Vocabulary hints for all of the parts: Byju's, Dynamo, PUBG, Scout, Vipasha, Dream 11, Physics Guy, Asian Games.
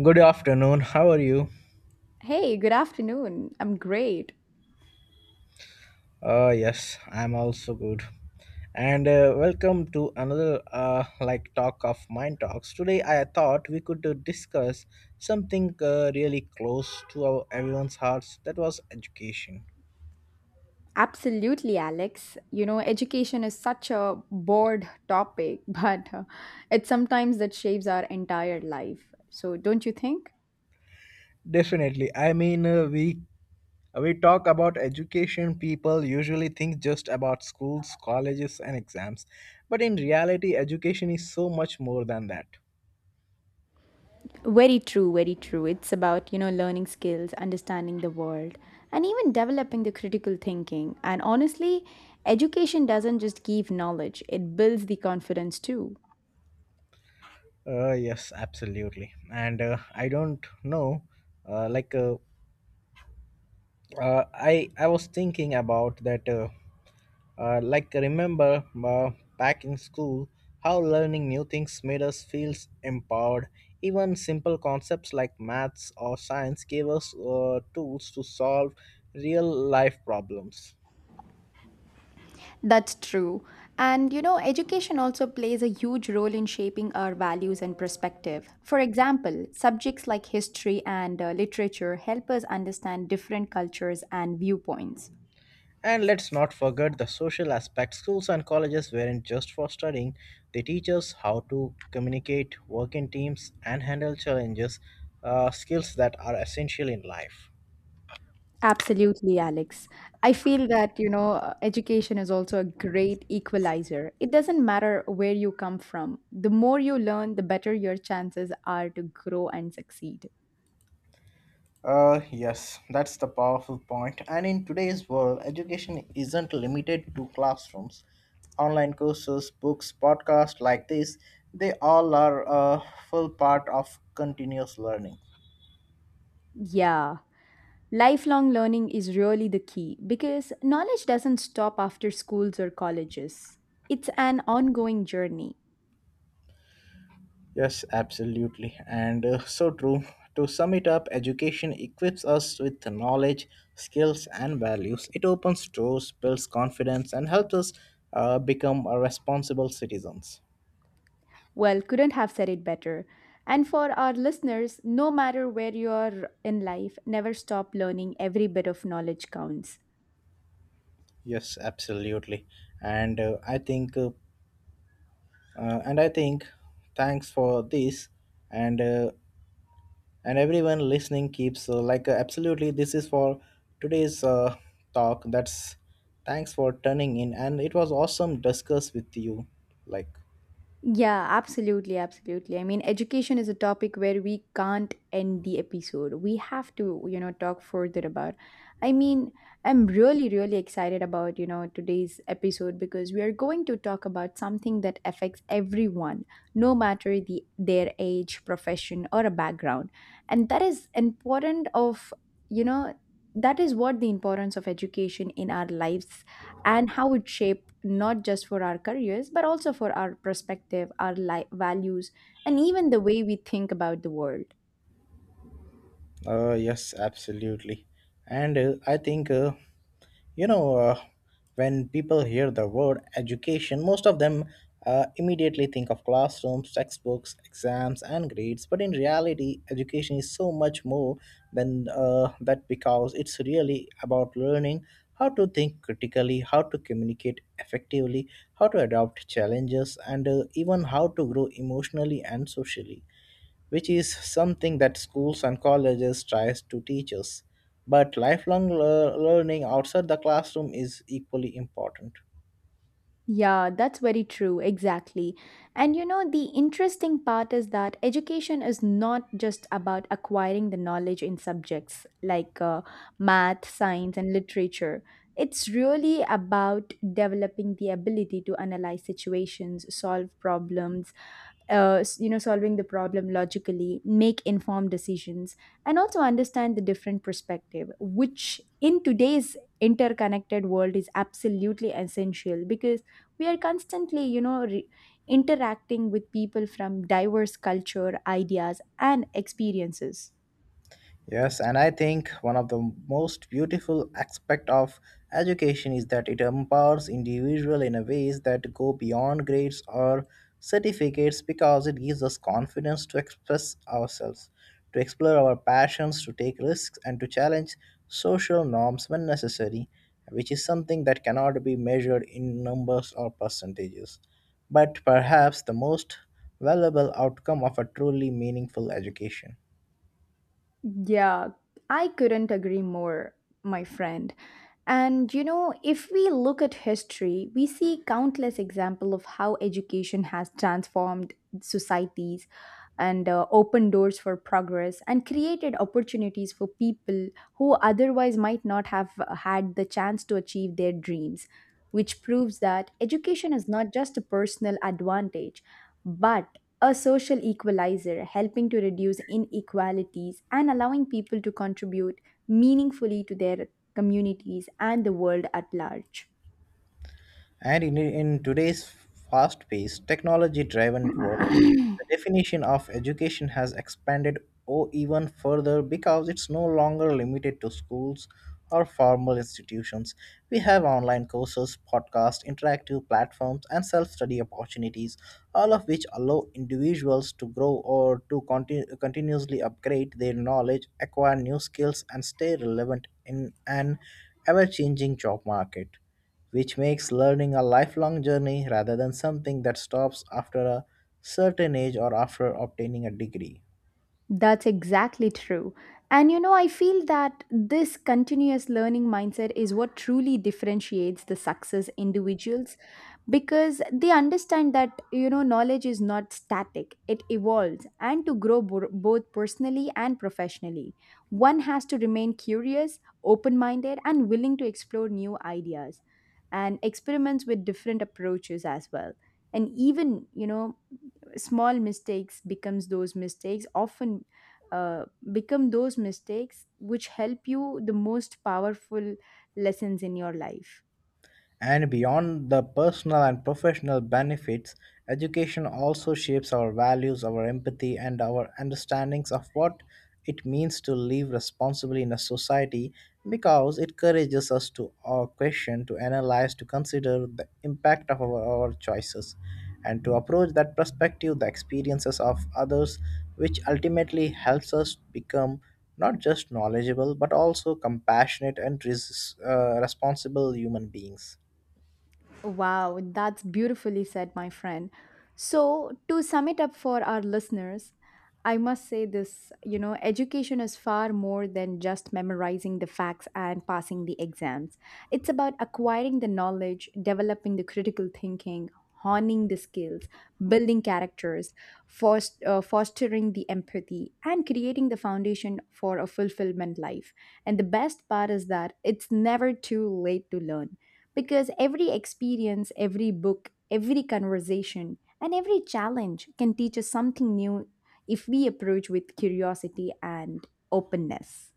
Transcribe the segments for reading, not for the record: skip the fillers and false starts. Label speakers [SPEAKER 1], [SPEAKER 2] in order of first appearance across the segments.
[SPEAKER 1] Good afternoon. How are you?
[SPEAKER 2] Hey, good afternoon. I'm great.
[SPEAKER 1] Yes, I'm also good. And welcome to another like talk of mind talks. Today, I thought we could discuss something really close to our everyone's hearts. That was education.
[SPEAKER 2] Absolutely, Alex. Education is such a broad topic, but it's sometimes that shapes our entire life. So, don't you think?
[SPEAKER 1] Definitely. I mean, we talk about education. People usually think just about schools, colleges, and exams, but in reality, education is so much more than that.
[SPEAKER 2] Very true, very true. It's about, learning skills, understanding the world, and even developing the critical thinking. And honestly, education doesn't just give knowledge, it builds the confidence too.
[SPEAKER 1] Yes, absolutely. And I don't know, uh, like uh, I was thinking about that. Remember back in school, how learning new things made us feel empowered. Even simple concepts like maths or science gave us tools to solve real life problems.
[SPEAKER 2] That's true. And education also plays a huge role in shaping our values and perspective. For example, subjects like history and literature help us understand different cultures and viewpoints.
[SPEAKER 1] And let's not forget the social aspect. Schools and colleges weren't just for studying, they teach us how to communicate, work in teams, and handle challenges, skills that are essential in life.
[SPEAKER 2] Absolutely, Alex. I feel that, education is also a great equalizer. It doesn't matter where you come from, the more you learn, the better your chances are to grow and succeed.
[SPEAKER 1] Yes, that's the powerful point. And in today's world, education isn't limited to classrooms. Online courses, books, podcasts like this, they all are a full part of continuous learning.
[SPEAKER 2] Yeah. Lifelong learning is really the key because knowledge doesn't stop after schools or colleges. It's an ongoing journey.
[SPEAKER 1] Yes, absolutely. And so true. To sum it up, education equips us with the knowledge, skills, and values. It opens doors, builds confidence, and helps us become a responsible citizens.
[SPEAKER 2] Well, couldn't have said it better. And for our listeners, no matter where you are in life, never stop learning. Every bit of knowledge counts.
[SPEAKER 1] Yes, absolutely. And uh, I think, uh, and I think, thanks for this. And everyone listening keeps absolutely this is for today's talk that's thanks for turning in and it was awesome discuss with you like.
[SPEAKER 2] Yeah, absolutely, absolutely. I mean, education is a topic where we can't end the episode. We have to, talk further about. I mean, I'm really, really excited about, today's episode because we are going to talk about something that affects everyone, no matter their age, profession, or a background. And that is important of, you know, that is what the importance of education in our lives, and how it shaped not just for our careers but also for our perspective values, and even the way we think about the world.
[SPEAKER 1] Yes, absolutely. And I think, you know, when people hear the word education, most of them immediately think of classrooms, textbooks, exams, and grades. But in reality, education is so much more than that because it's really about learning how to think critically, how to communicate effectively, how to adopt challenges, and even how to grow emotionally and socially, which is something that schools and colleges tries to teach us. But learning outside the classroom is equally important.
[SPEAKER 2] Yeah, that's very true, exactly. And the interesting part is that education is not just about acquiring the knowledge in subjects like math, science, and literature. It's really about developing the ability to analyze situations, solve problems, solving the problem logically, make informed decisions, and also understand the different perspective, which in today's interconnected world is absolutely essential because we are constantly interacting with people from diverse culture ideas and experiences.
[SPEAKER 1] Yes, and I think one of the most beautiful aspect of education is that it empowers individual in a ways that go beyond grades or certificates because it gives us confidence to express ourselves, to explore our passions, to take risks and to challenge social norms when necessary, which is something that cannot be measured in numbers or percentages. But perhaps the most valuable outcome of a truly meaningful education.
[SPEAKER 2] Yeah, I couldn't agree more, my friend. And, if we look at history, we see countless example of how education has transformed societies, and opened doors for progress and created opportunities for people who otherwise might not have had the chance to achieve their dreams, which proves that education is not just a personal advantage, but a social equalizer, helping to reduce inequalities and allowing people to contribute meaningfully to their communities and the world at large.
[SPEAKER 1] And in today's fast paced, technology driven world, the definition of education has expanded or even further because it's no longer limited to schools or formal institutions. We have online courses, podcasts, interactive platforms, and self study opportunities, all of which allow individuals to grow or to continuously upgrade their knowledge, acquire new skills, and stay relevant in an ever changing job market, which makes learning a lifelong journey rather than something that stops after a certain age or after obtaining a degree.
[SPEAKER 2] That's exactly true. And I feel that this continuous learning mindset is what truly differentiates the success individuals because they understand that, knowledge is not static, it evolves. And to grow both personally and professionally, one has to remain curious, open minded, and willing to explore new ideas and experiments with different approaches as well. And even, small mistakes becomes those mistakes often uh, become those mistakes which help you the most powerful lessons in your life.
[SPEAKER 1] And beyond the personal and professional benefits, education also shapes our values, our empathy, and our understandings of what it means to live responsibly in a society because it encourages us to question, to analyze, to consider the impact of our choices, and to approach that perspective, the experiences of others, which ultimately helps us become not just knowledgeable but also compassionate and responsible human beings.
[SPEAKER 2] Wow, that's beautifully said, my friend. So, to sum it up for our listeners, I must say this, education is far more than just memorizing the facts and passing the exams. It's about acquiring the knowledge, developing the critical thinking, honing the skills, building characters, fostering the empathy, and creating the foundation for a fulfillment life. And the best part is that it's never too late to learn because every experience, every book, every conversation, and every challenge can teach us something new if we approach with curiosity and openness.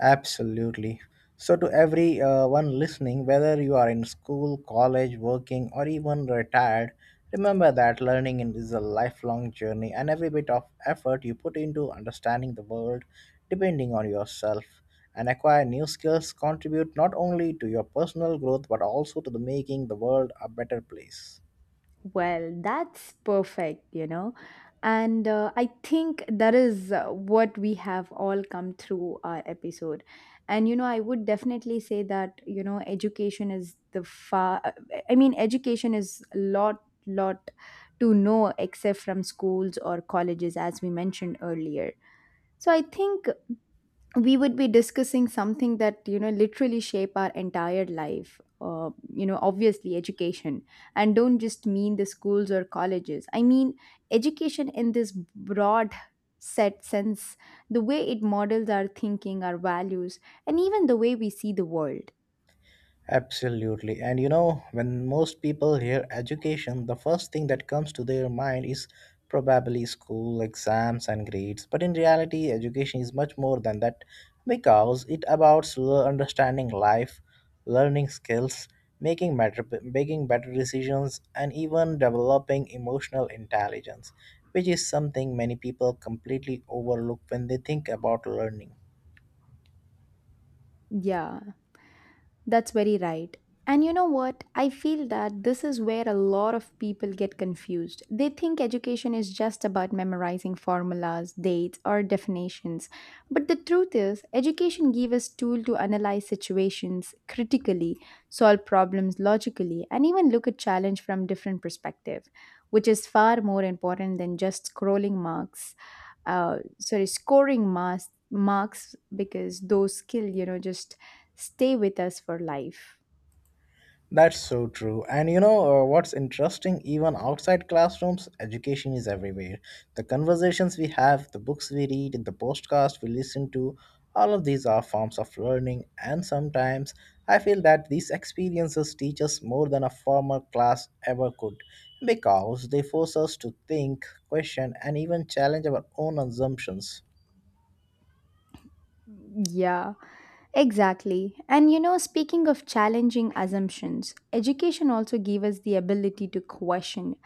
[SPEAKER 1] Absolutely. So, to every one listening, whether you are in school, college, working, or even retired, remember that is a lifelong journey, and every bit of effort you put into understanding the world, depending on yourself, and acquire new skills, contribute not only to your personal growth but also to the making the world a better place.
[SPEAKER 2] Well, that's perfect, you know. And I think that is what we have all come through our episode. And, I would definitely say that, education is the far, I mean, education is a lot to know except from schools or colleges, as we mentioned earlier. So I think we would be discussing something that, literally shape our entire life, obviously education, and don't just mean the schools or colleges. I mean, education in this broad set sense, the way it models our thinking, our values, and even the way we see the world.
[SPEAKER 1] Absolutely. And you know, when most people hear education, the first thing that comes to their mind is probably school, exams, and grades. But in reality, education is much more than that because it understanding life, learning skills, making better decisions, and even developing emotional intelligence, which is something many people completely overlook when they think about learning.
[SPEAKER 2] Yeah, that's very right. And you know what? I feel that this is where a lot of people get confused. They think education is just about memorizing formulas, dates, or definitions. But the truth is, education gives us tool to analyze situations critically, solve problems logically, and even look at challenge from different perspective, which is far more important than just scrolling marks. Sorry, scoring marks because those skill, just stay with us for life.
[SPEAKER 1] That's so true. And you know what's interesting? Even outside classrooms, education is everywhere. The conversations we have, the books we read, the podcasts we listen to, all of these are forms of learning. And sometimes I feel that these experiences teach us more than a formal class ever could because they force us to think, question, and even challenge our own assumptions.
[SPEAKER 2] Yeah, exactly. And speaking of challenging assumptions, education also gave us the ability to question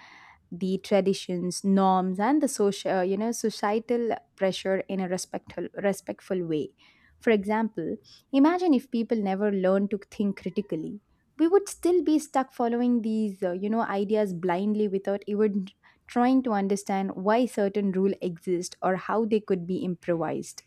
[SPEAKER 2] the traditions, norms, and the societal pressure in a respectful, respectful way. For example, imagine if people never learn to think critically, we would still be stuck following these, ideas blindly without even trying to understand why certain rule exist or how they could be improvised.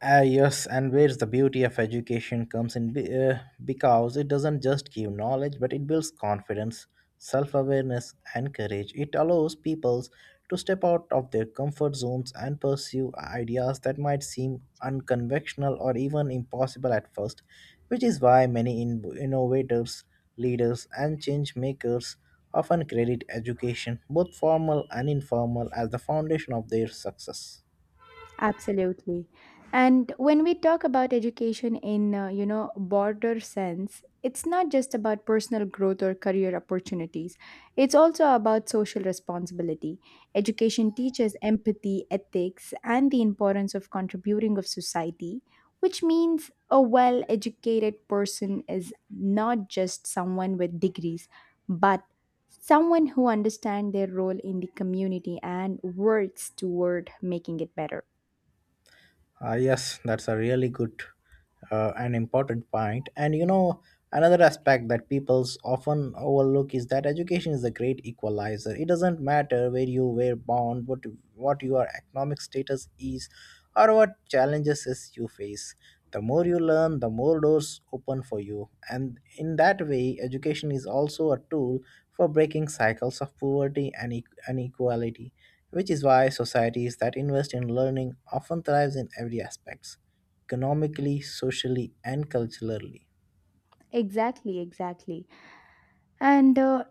[SPEAKER 1] Ah, yes, and where's the beauty of education comes in because it doesn't just give knowledge but it builds confidence, self awareness, and courage. It allows peoples to step out of their comfort zones and pursue ideas that might seem unconventional or even impossible at first, which is why many innovators, leaders, and change makers often credit education, both formal and informal, as the foundation of their success.
[SPEAKER 2] Absolutely. And when we talk about education in, broader sense, it's not just about personal growth or career opportunities. It's also about social responsibility. Education teaches empathy, ethics, and the importance of contributing of society, which means a well-educated person is not just someone with degrees, but someone who understands their role in the community and works toward making it better.
[SPEAKER 1] Yes, that's a really good and important point. And you know, another aspect that people's often overlook is that education is a great equalizer. It doesn't matter where you were born, what your economic status is, or what challenges is you face. The more you learn, the more doors open for you. And in that way, education is also a tool for breaking cycles of poverty and inequality, which is why societies that invest in learning often thrives in every aspects, economically, socially, and culturally.
[SPEAKER 2] Exactly, exactly. And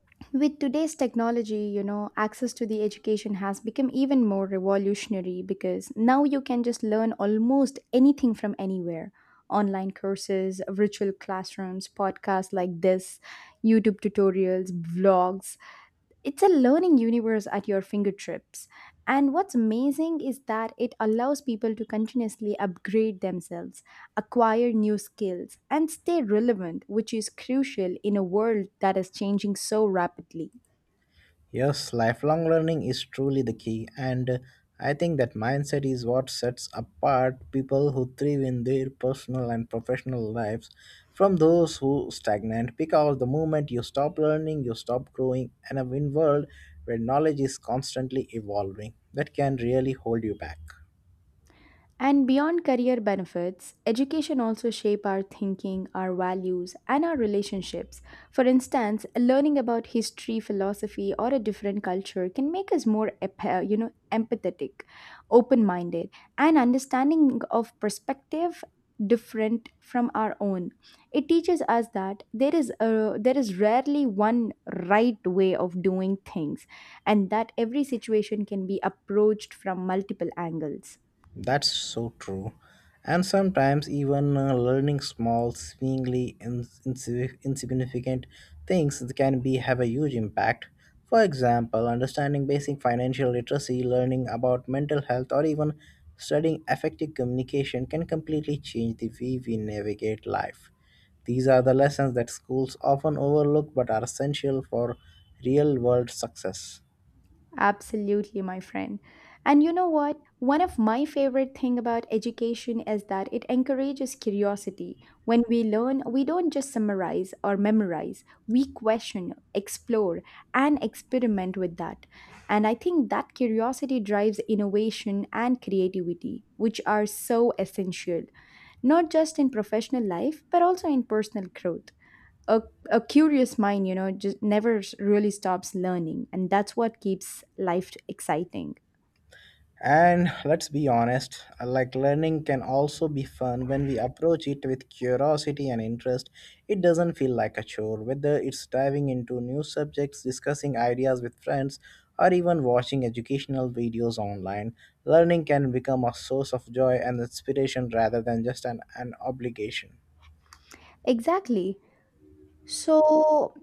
[SPEAKER 2] with today's technology, access to the education has become even more revolutionary because now you can just learn almost anything from anywhere. Online courses, virtual classrooms, podcasts like this, YouTube tutorials, vlogs, it's a learning universe at your fingertips. And what's amazing is that it allows people to continuously upgrade themselves, acquire new skills, and stay relevant, which is crucial in a world that is changing so rapidly.
[SPEAKER 1] Yes, lifelong learning is truly the key, and I think that mindset is what sets apart people who thrive in their personal and professional lives from those who stagnate because the moment you stop learning you stop growing, and a win world where knowledge is constantly evolving that can really hold you back.
[SPEAKER 2] And beyond career benefits, education also shape our thinking, our values, and our relationships. For instance, learning about history, philosophy, or a different culture can make us more, empathetic, open-minded, and understanding of perspective different from our own. It teaches us that there is rarely one right way of doing things, and that every situation can be approached from multiple angles.
[SPEAKER 1] That's so true. And sometimes even learning small, seemingly insignificant things can be have a huge impact. For example, understanding basic financial literacy, learning about mental health, or even studying effective communication can completely change the way we navigate life. These are the lessons that schools often overlook but are essential for real world success.
[SPEAKER 2] Absolutely, my friend. And you know what? One of my favorite thing about education is that it encourages curiosity. When we learn, we don't just summarize or memorize. We question, explore, and experiment with that. And I think that curiosity drives innovation and creativity, which are so essential, not just in professional life, but also in personal growth. A, a curious mind, just never really stops learning. And that's what keeps life exciting.
[SPEAKER 1] And let's be honest, like learning can also be fun when we approach it with curiosity and interest. It doesn't feel like a chore, whether it's diving into new subjects, discussing ideas with friends, or even watching educational videos online. Learning can become a source of joy and inspiration rather than just an obligation.
[SPEAKER 2] Exactly. So,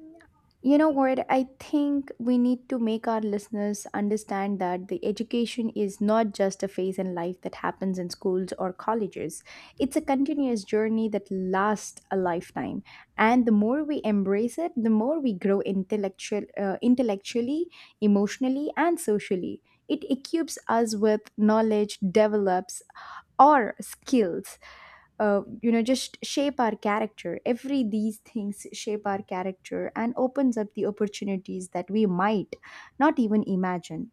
[SPEAKER 2] you know what? I think we need to make our listeners understand that the education is not just a phase in life that happens in schools or colleges. It's a continuous journey that lasts a lifetime. And the more we embrace it, the more we grow intellectually, emotionally, and socially. It equips us with knowledge, develops or skills, just shape our character. Every these things shape our character and opens up the opportunities that we might not even imagine.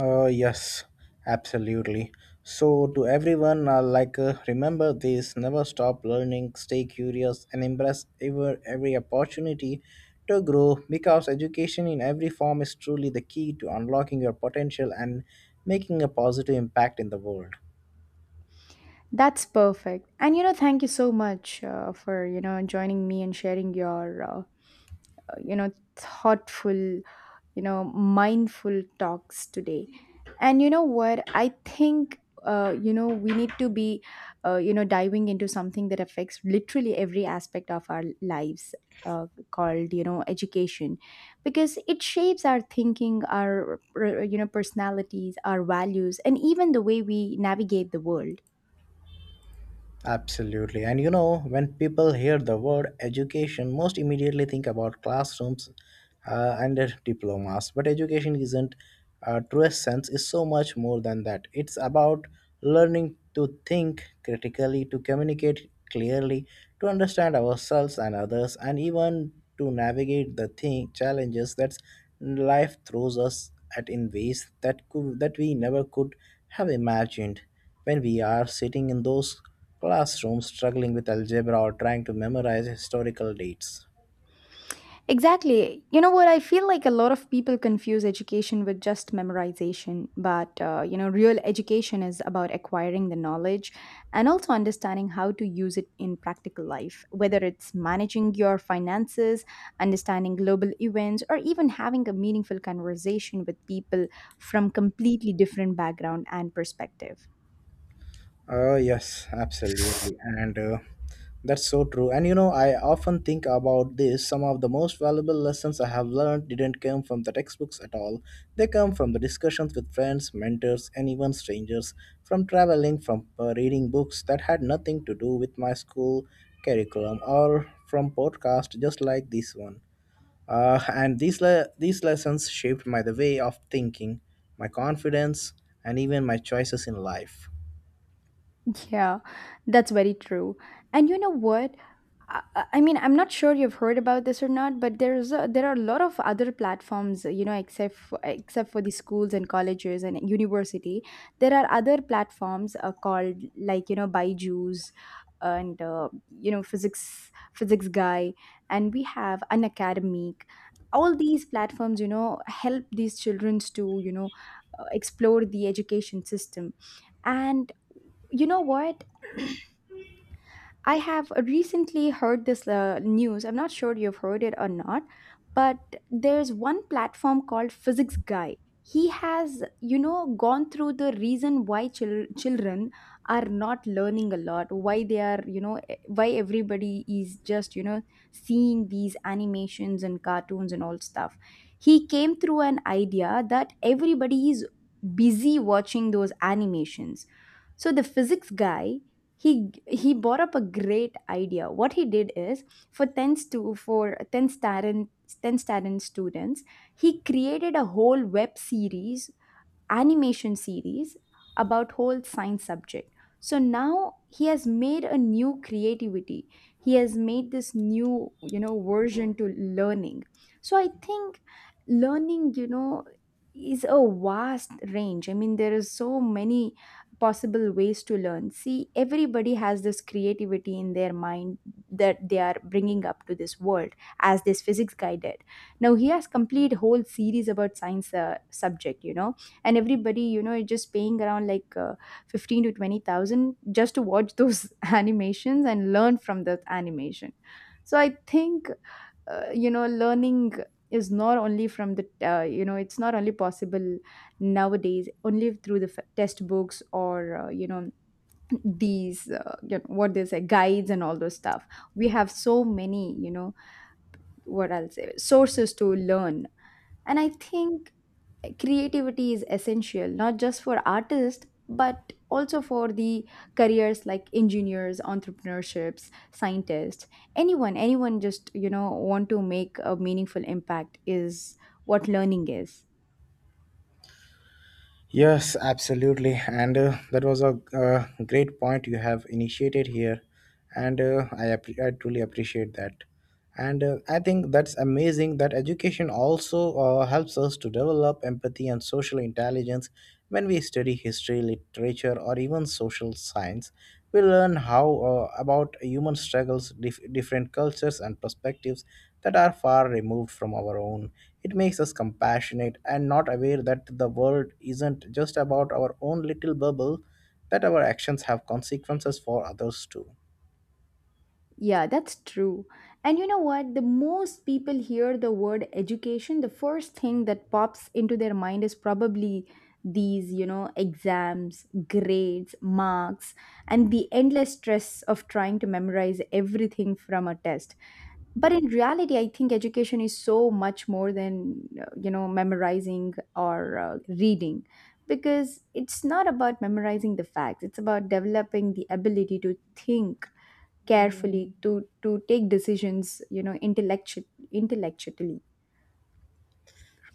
[SPEAKER 1] Yes, absolutely. So, to everyone, remember this never stop learning, stay curious, and embrace every opportunity to grow because education in every form is truly the key to unlocking your potential and making a positive impact in the world.
[SPEAKER 2] That's perfect, and thank you so much for, joining me and sharing your, thoughtful, mindful talks today. And you know what? I think, we need to be, diving into something that affects literally every aspect of our lives, uh, called, education, because it shapes our thinking, our, personalities, our values, and even the way we navigate the world.
[SPEAKER 1] Absolutely. And you know, when people hear the word education, most immediately think about classrooms and diplomas. But education isn't, truest sense, is so much more than that. It's about learning to think critically, to communicate clearly, to understand ourselves and others, and even to navigate the thing, challenges that life throws us at in ways that could that we never could have imagined when we are sitting in those classrooms struggling with algebra or trying to memorize historical dates.
[SPEAKER 2] Exactly. You know what? I feel like a lot of people confuse education with just memorization, but real education is about acquiring the knowledge and also understanding how to use it in practical life, whether it's managing your finances, understanding global events, or even having a meaningful conversation with people from completely different background and perspective.
[SPEAKER 1] Yes, absolutely. And that's so true. And you know, I often think about this. Some of the most valuable lessons I have learned didn't come from the textbooks at all. They come from the discussions with friends, mentors, and even strangers, from traveling, from reading books that had nothing to do with my school curriculum, or from podcasts just like this one. And these lessons shaped my the way of thinking, my confidence, and even my choices in life.
[SPEAKER 2] Yeah, that's very true. And you know what? I mean, I'm not sure you've heard about this or not, but there are a lot of other platforms, except for, except for the schools and colleges and university. There are other platforms called like, Byju's, and Physics Guy, and we have an academic. All these platforms, help these children to, explore the education system. And you know what? I have recently heard this news. I'm not sure you've heard it or not, but there's one platform called Physics Guy. He has, you know, gone through the reason why children are not learning a lot, why they are, why everybody is just, seeing these animations and cartoons and all stuff. He came through an idea that everybody is busy watching those animations. So the physics guy he brought up a great idea. What he did is, for 10th students he created a whole web series, animation series, about whole science subject. So now he has made a new creativity. He has made this new, you know, version to learning. So I think learning, you know, is a vast range. I mean, there is so many possible ways to learn. See, everybody has this creativity in their mind that they are bringing up to this world, as this physics guy did. Now he has complete whole series about science subject, you know, and everybody, you know, is just paying around like 15 to 20,000 just to watch those animations and learn from that animation. So I think, you know, learning is not only from the, you know, it's not only possible nowadays only through the test books or, you know, these, you know, what they say, guides and all those stuff. We have so many, you know, what I'll say, sources to learn. And I think creativity is essential not just for artists but also for the careers like engineers, entrepreneurships, scientists. Anyone, anyone just you know want to make a meaningful impact is what learning is.
[SPEAKER 1] Yes, absolutely. And that was a great point you have initiated here. And I truly appreciate that. And I think that's amazing that education also helps us to develop empathy and social intelligence when we study history, literature, or even social science. We learn how about human struggles, different cultures and perspectives that are far removed from our own. It makes us compassionate and not aware that the world isn't just about our own little bubble, that our actions have consequences for others too.
[SPEAKER 2] Yeah, that's true. And you know what? The most people hear the word education, the first thing that pops into their mind is probably these, you know, exams, grades, marks, and the endless stress of trying to memorize everything from a test. But in reality, I think education is so much more than, you know, memorizing or reading. Because it's not about memorizing the facts, it's about developing the ability to think carefully, to take decisions, you know, intellectually.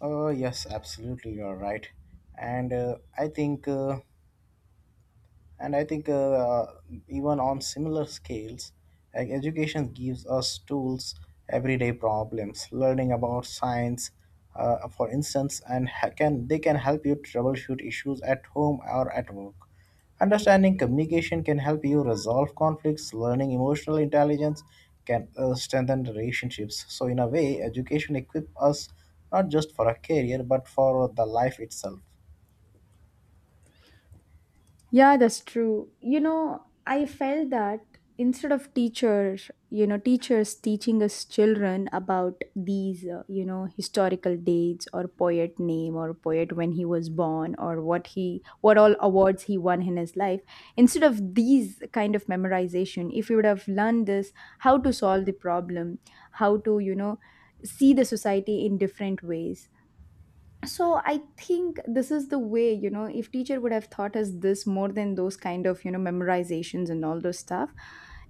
[SPEAKER 1] Oh, yes, absolutely, you're right. And uh, I think uh, And I think even on similar scales, like education gives us tools, everyday problems, learning about science, for instance, and can they can help you troubleshoot issues at home or at work. Understanding communication can help you resolve conflicts. Learning emotional intelligence can strengthen relationships. So, in a way, education equips us not just for a career but for the life itself.
[SPEAKER 2] Yeah, that's true. You know, I felt that instead of teachers, you know, teachers teaching us children about these, you know, historical dates or poet name or poet when he was born or what all awards he won in his life, instead of these kind of memorization, if you would have learned this, how to solve the problem, how to, you know, see the society in different ways. So I think this is the way, you know, if teacher would have taught us this more than those kind of, you know, memorizations and all those stuff,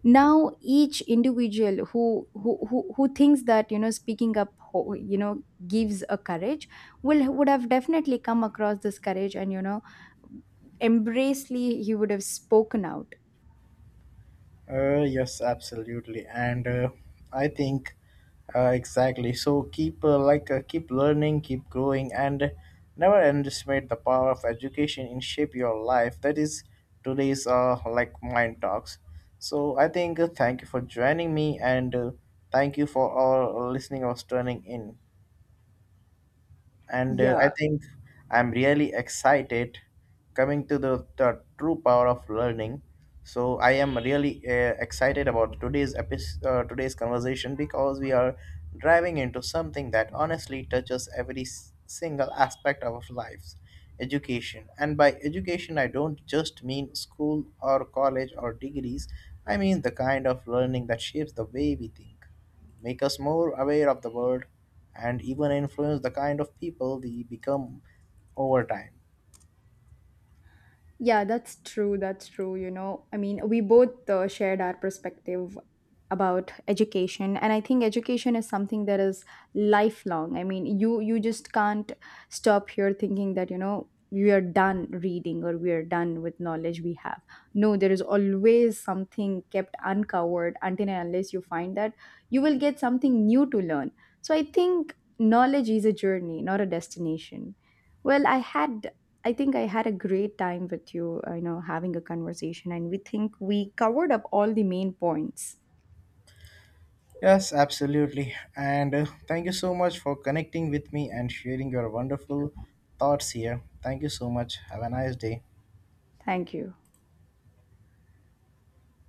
[SPEAKER 2] now each individual who thinks that, you know, speaking up, you know, gives a courage, will would have definitely come across this courage and, you know, embracely he would have spoken out,
[SPEAKER 1] Yes, absolutely, and I think exactly. So keep keep learning, keep growing, and never underestimate the power of education in shape your life. That is today's like mind talks. So I think thank you for joining me, and thank you for all listening or turning in, and
[SPEAKER 2] yeah.
[SPEAKER 1] I think I'm really excited coming to the true power of learning. So I am really excited about today's episode, today's conversation because we are driving into something that honestly touches every single aspect of our lives, education. And by education, I don't just mean school or college or degrees. I mean the kind of learning that shapes the way we think, make us more aware of the world, and even influence the kind of people we become over time.
[SPEAKER 2] Yeah, that's true. That's true. You know, I mean, we both shared our perspective about education, and I think education is something that is lifelong. I mean, you just can't stop here thinking that, you know, we are done reading or we are done with knowledge we have. No, there is always something kept uncovered until and unless you find that you will get something new to learn. So I think knowledge is a journey, not a destination. Well, I think I had a great time with you, you know, having a conversation, and we think we covered up all the main points.
[SPEAKER 1] Yes, absolutely. And thank you so much for connecting with me and sharing your wonderful thoughts here. Thank you so much. Have a nice day.
[SPEAKER 2] Thank you.